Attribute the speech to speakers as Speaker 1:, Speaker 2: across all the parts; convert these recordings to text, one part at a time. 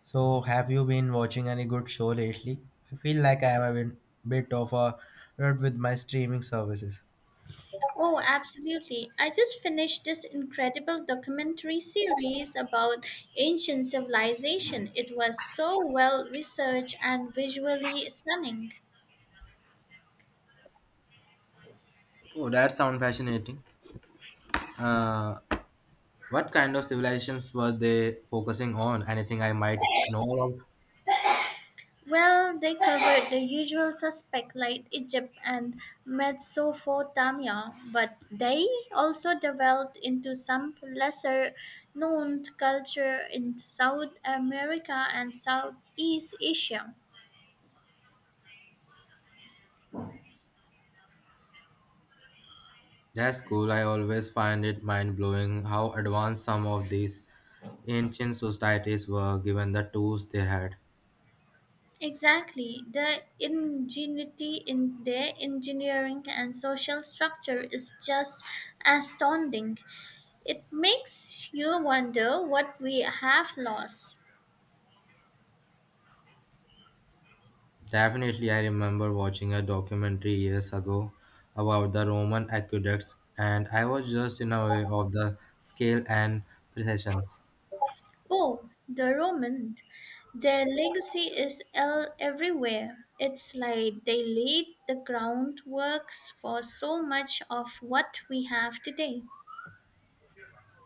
Speaker 1: So, have you been watching any good show lately? I feel like I am a bit of a rut with my streaming services.
Speaker 2: Oh, absolutely. I just finished this incredible documentary series about ancient civilization. It was so well researched and visually stunning.
Speaker 1: Oh, that sounds fascinating. Uh, what kind of civilizations were they focusing on? Anything I might know about?
Speaker 2: Well, they covered the usual suspects like Egypt and Mesopotamia, but they also developed into some lesser known culture in South America and Southeast Asia.
Speaker 1: That's cool. I always find it mind blowing how advanced some of these ancient societies were given the tools they had.
Speaker 2: Exactly. The ingenuity in their engineering and social structure is just astounding. It makes you wonder what we have lost.
Speaker 1: Definitely, I remember watching a documentary years ago about the Roman aqueducts, and I was just in awe of the scale and precisions.
Speaker 2: Oh, the Roman. Their legacy is everywhere. It's like they laid the groundwork for so much of what we have today.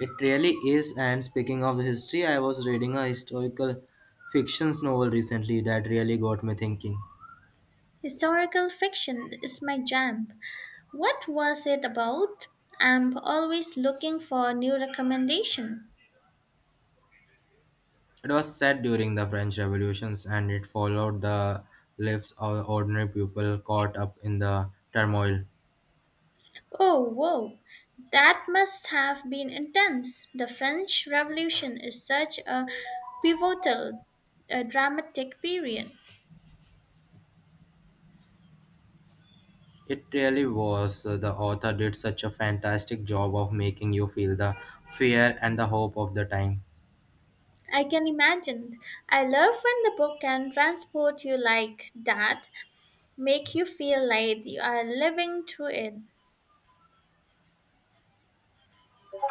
Speaker 1: It really is. And speaking of history, I was reading a historical fiction novel recently that really got me thinking.
Speaker 2: Historical fiction is my jam. What was it about? I'm always looking for new recommendation.
Speaker 1: It was set during the French Revolutions, and it followed the lives of ordinary people caught up in the turmoil.
Speaker 2: Oh, whoa. That must have been intense. The French Revolution is such a pivotal, dramatic period.
Speaker 1: It really was. The author did such a fantastic job of making you feel the fear and the hope of the time.
Speaker 2: I can imagine. I love when the book can transport you like that, make you feel like you are living through it.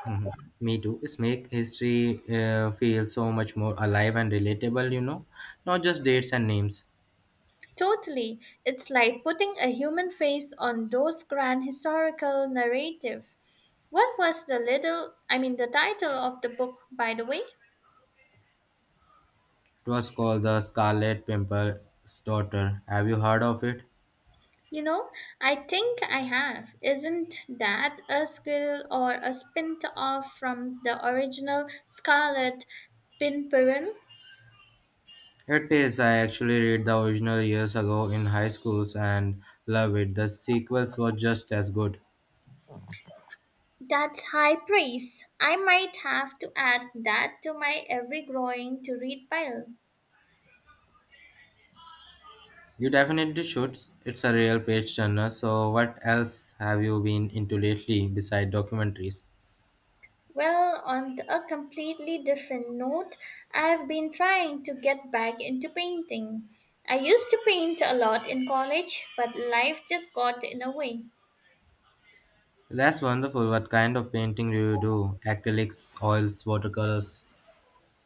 Speaker 1: Mhm. Me too. It's make history feel so much more alive and relatable, you know, not just dates and names.
Speaker 2: Totally. It's like putting a human face on those grand historical narrative. What was the little I mean the title of the book, by the way?
Speaker 1: It was called The Scarlet Pimple's Daughter. Have you heard of it?
Speaker 2: You know, I think I have. Isn't that a squill or a spin off from the original Scarlet Pimpernel?
Speaker 1: It is. I actually read the original years ago in high schools and love it. The sequels were just as good.
Speaker 2: That's high praise. I might have to add that to my ever growing to read pile.
Speaker 1: You definitely should. It's a real page turner. So, what else have you been into lately beside documentaries?
Speaker 2: Well, on a completely different note, I've been trying to get back into painting. I used to paint a lot in college, but life just got in the way.
Speaker 1: That's wonderful. What kind of painting do you do? Acrylics, oils, watercolors?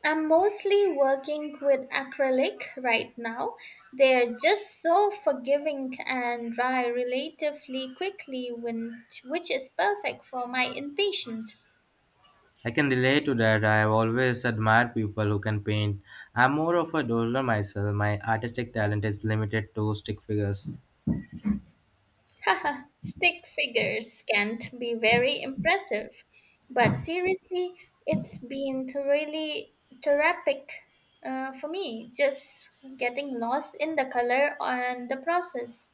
Speaker 2: I'm mostly working with acrylic right now. They're just so forgiving and dry relatively quickly, which is perfect for my impatient.
Speaker 1: I can relate to that. I have always admired people who can paint. I'm more of a doodler myself. My artistic talent is limited to stick figures.
Speaker 2: Haha, stick figures can't be very impressive, but seriously, it's been really therapeutic for me, just getting lost in the color and the process.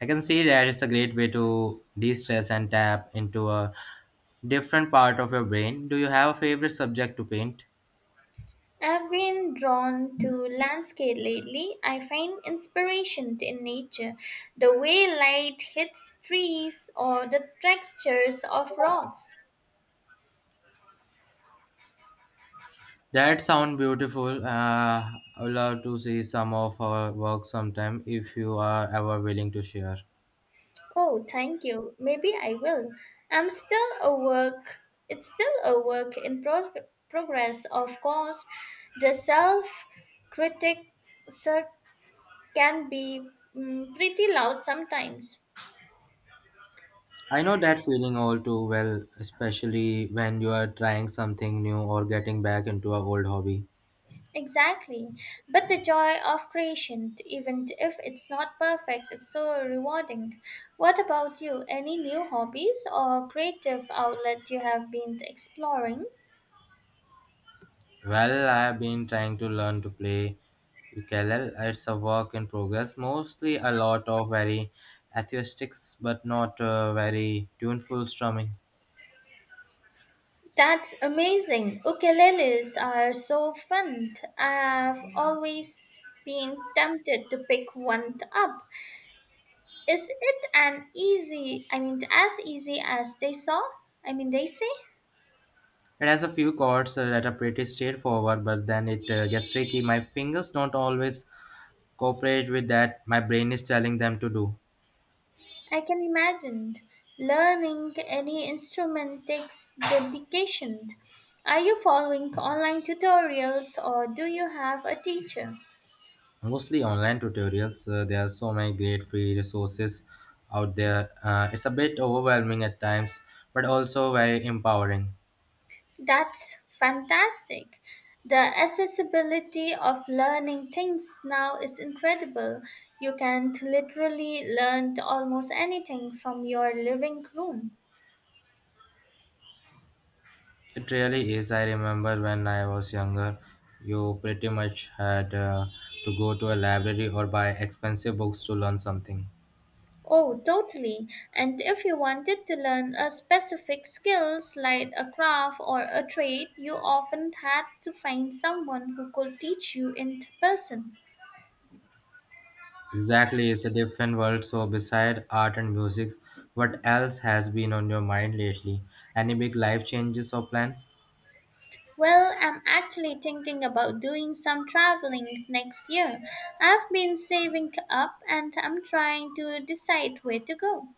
Speaker 1: I can see that it's a great way to de stress and tap into a different part of your brain. Do you have a favorite subject to paint?
Speaker 2: I've been drawn to landscape lately. I find inspiration in nature, the way light hits trees or the textures of rocks.
Speaker 1: That sound beautiful. I would love to see some of her work sometime if you are ever willing to share.
Speaker 2: Oh, thank you. Maybe I will. I'm still a work. It's still a work in progress, of course. The self critic sir can be pretty loud sometimes.
Speaker 1: I know that feeling all too well, especially when you are trying something new or getting back into an old hobby.
Speaker 2: Exactly. But the joy of creation, even if it's not perfect, it's so rewarding. What about you? Any new hobbies or creative outlet you have been exploring?
Speaker 1: Well, I have been trying to learn to play ukulele. It's a work in progress, mostly a lot of very atheistic but not very tuneful strumming.
Speaker 2: That's amazing. Ukuleles are so fun. I've always been tempted to pick one up. Is it an easy, I mean, as easy as they saw? I mean, they say?
Speaker 1: It has a few chords that are pretty straightforward, but then it gets tricky. My fingers don't always cooperate with that. My brain is telling them to do.
Speaker 2: I can imagine. Learning any instrument takes dedication. Are you following online tutorials or do you have a teacher?
Speaker 1: Mostly online tutorials. There are so many great free resources out there. It's a bit overwhelming at times, but also very empowering.
Speaker 2: That's fantastic. The accessibility of learning things now is incredible. You can literally learn almost anything from your living room.
Speaker 1: It really is. I remember when I was younger, you pretty much had to go to a library or buy expensive books to learn something.
Speaker 2: Oh, totally. And if you wanted to learn a specific skills like a craft or a trade, you often had to find someone who could teach you in person.
Speaker 1: Exactly, it's a different world. So, beside art and music, what else has been on your mind lately? Any big life changes or plans?
Speaker 2: Well, I'm actually thinking about doing some traveling next year. I've been saving up and I'm trying to decide where to go.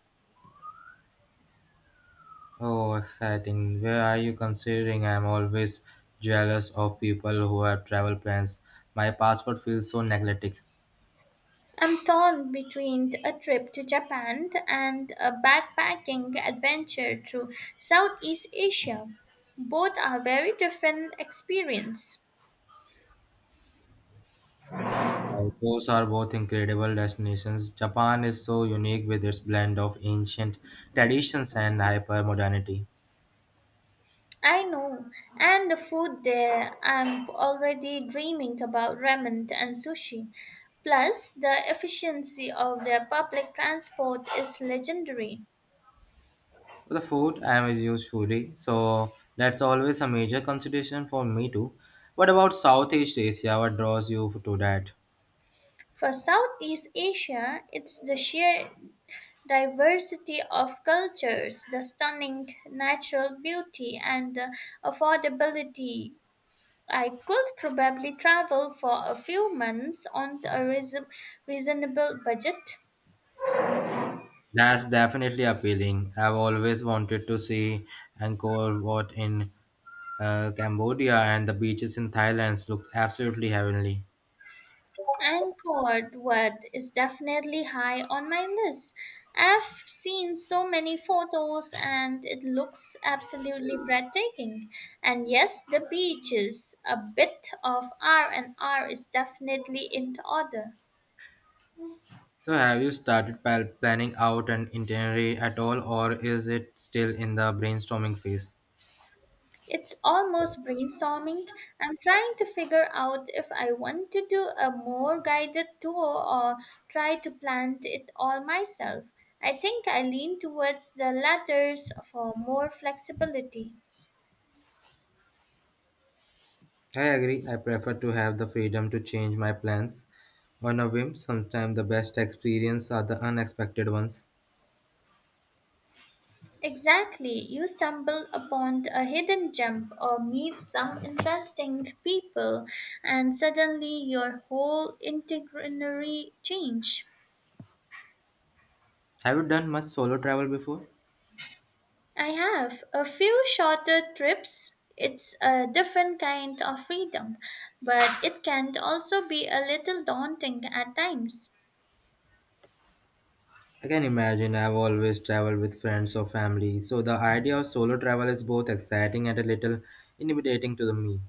Speaker 1: Oh, exciting. Where are you considering? I'm always jealous of people who have travel plans. My passport feels so neglected.
Speaker 2: I'm torn between a trip to Japan and a backpacking adventure through Southeast Asia. Both are very different experience.
Speaker 1: Like, those are both incredible destinations. Japan is so unique with its blend of ancient traditions and hyper modernity.
Speaker 2: I know, and the food there, I'm already dreaming about ramen and sushi. Plus, the efficiency of their public transport is legendary.
Speaker 1: The food, I am a huge foodie, so that's always a major consideration for me too. What about Southeast Asia? What draws you to that?
Speaker 2: For Southeast Asia, it's the sheer diversity of cultures, the stunning natural beauty, and the affordability. I could probably travel for a few months on a reasonable budget.
Speaker 1: That's definitely appealing. I've always wanted to see Angkor Wat in Cambodia, and the beaches in Thailand look absolutely heavenly.
Speaker 2: Angkor Wat is definitely high on my list. I've seen so many photos and it looks absolutely breathtaking. And yes, the beaches, a bit of R&R is definitely in the order.
Speaker 1: So, have you started planning out an itinerary at all, or is it still in the brainstorming phase?
Speaker 2: It's almost brainstorming. I'm trying to figure out if I want to do a more guided tour or try to plan it all myself. I think I lean towards the latters for more flexibility.
Speaker 1: I agree. I prefer to have the freedom to change my plans on a whim. Sometimes the best experiences are the unexpected ones.
Speaker 2: Exactly, you stumble upon a hidden gem or meet some interesting people, and suddenly your whole itinerary change.
Speaker 1: Have you done much solo travel before?
Speaker 2: I have a few shorter trips. It's a different kind of freedom, but it can also be a little daunting at times.
Speaker 1: I can imagine I've always traveled with friends or family, so the idea of solo travel is both exciting and a little intimidating to the me.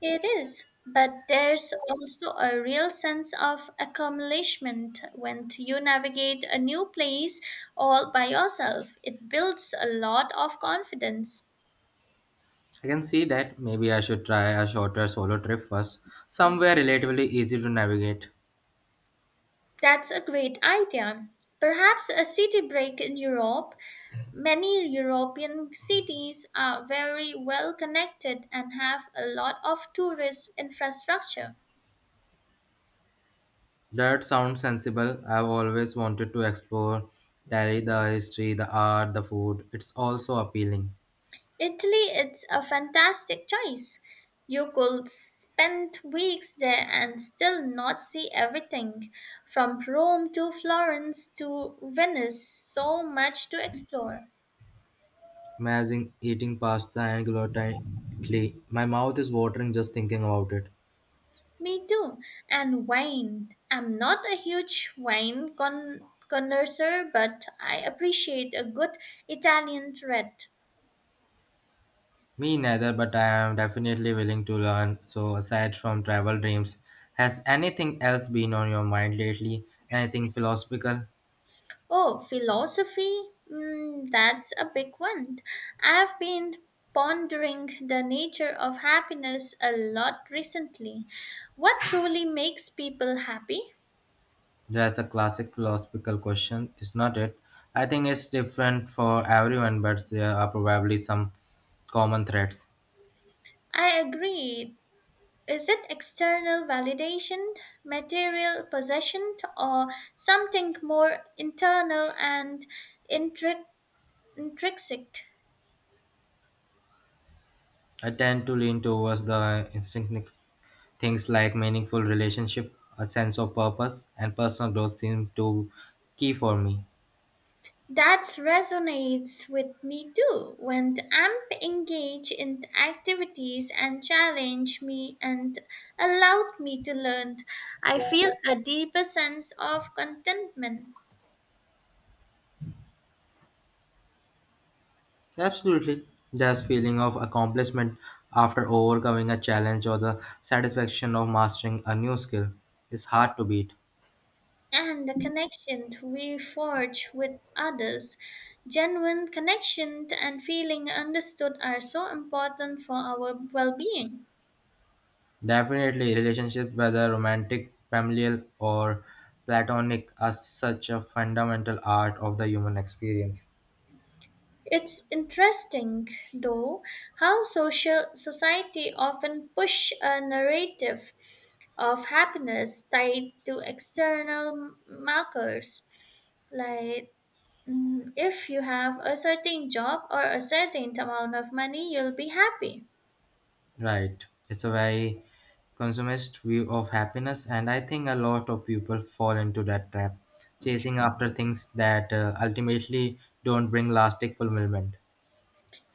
Speaker 2: It is, but there's also a real sense of accomplishment when you navigate a new place all by yourself. It builds a lot of confidence.
Speaker 1: I can see that maybe I should try a shorter solo trip first, somewhere relatively easy to navigate.
Speaker 2: That's a great idea. Perhaps a city break in Europe. Many European cities are very well connected and have a lot of tourist infrastructure.
Speaker 1: That sounds sensible. I've always wanted to explore Tally, the history, the art, the food. It's also appealing.
Speaker 2: Italy is a fantastic choice. You could spend weeks there and still not see everything, from Rome to Florence to Venice, so much to explore.
Speaker 1: Imagine eating pasta and gluten-free. My mouth is watering just thinking about it.
Speaker 2: Me too. And wine. I'm not a huge wine connoisseur, but I appreciate a good Italian red.
Speaker 1: Me neither, but I am definitely willing to learn. So, aside from travel dreams, has anything else been on your mind lately? Anything philosophical?
Speaker 2: Oh, philosophy? That's a big one. I've been pondering the nature of happiness a lot recently. What truly makes people happy?
Speaker 1: That's a classic philosophical question, is not it? I think it's different for everyone, but there are probably some common threads.
Speaker 2: I agree. Is it external validation, material possession, or something more internal and intri- intrinsic?
Speaker 1: I tend to lean towards the instinctive things like meaningful relationship, a sense of purpose, and personal growth seem to key for me.
Speaker 2: That resonates with me too. When I'm engaged in the activities and challenge me and allowed me to learn, I feel a deeper sense of contentment
Speaker 1: Absolutely. There's feeling of accomplishment after overcoming a challenge or the satisfaction of mastering a new skill is hard to beat.
Speaker 2: and the connection we forge with others. Genuine connection and feeling understood are so important for our well-being.
Speaker 1: Definitely relationships, whether romantic, familial or platonic are such a fundamental art of the human experience.
Speaker 2: It's interesting, though, how social society often push a narrative of happiness tied to external markers, like if you have a certain job or a certain amount of money, you'll be happy.
Speaker 1: Right. It's a very consumerist view of happiness, and I think a lot of people fall into that trap, chasing after things that ultimately don't bring lasting fulfillment.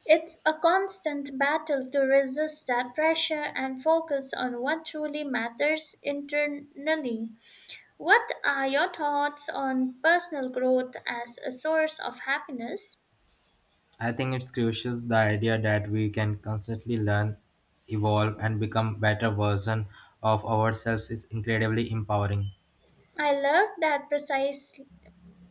Speaker 2: It's a constant battle to resist that pressure and focus on what truly matters internally. What are your thoughts on personal growth as a source of happiness?
Speaker 1: I think it's crucial the idea that we can constantly learn, evolve, and become better version of ourselves is incredibly empowering.
Speaker 2: I love that precise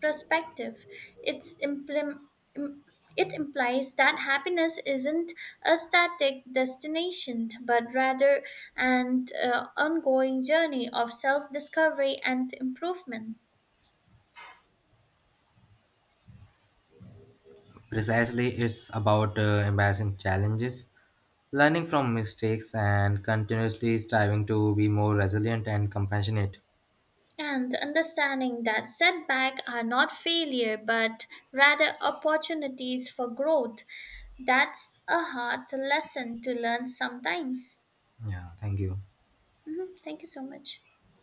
Speaker 2: perspective. It's im- it implies that happiness isn't a static destination, but rather an ongoing journey of self discovery and improvement.
Speaker 1: Precisely, it's about embracing challenges, learning from mistakes, and continuously striving to be more resilient and compassionate.
Speaker 2: And understanding that setbacks are not failure, but rather opportunities for growth. That's a hard lesson to learn sometimes.
Speaker 1: Yeah, thank you.
Speaker 2: Mhm. Thank you so much.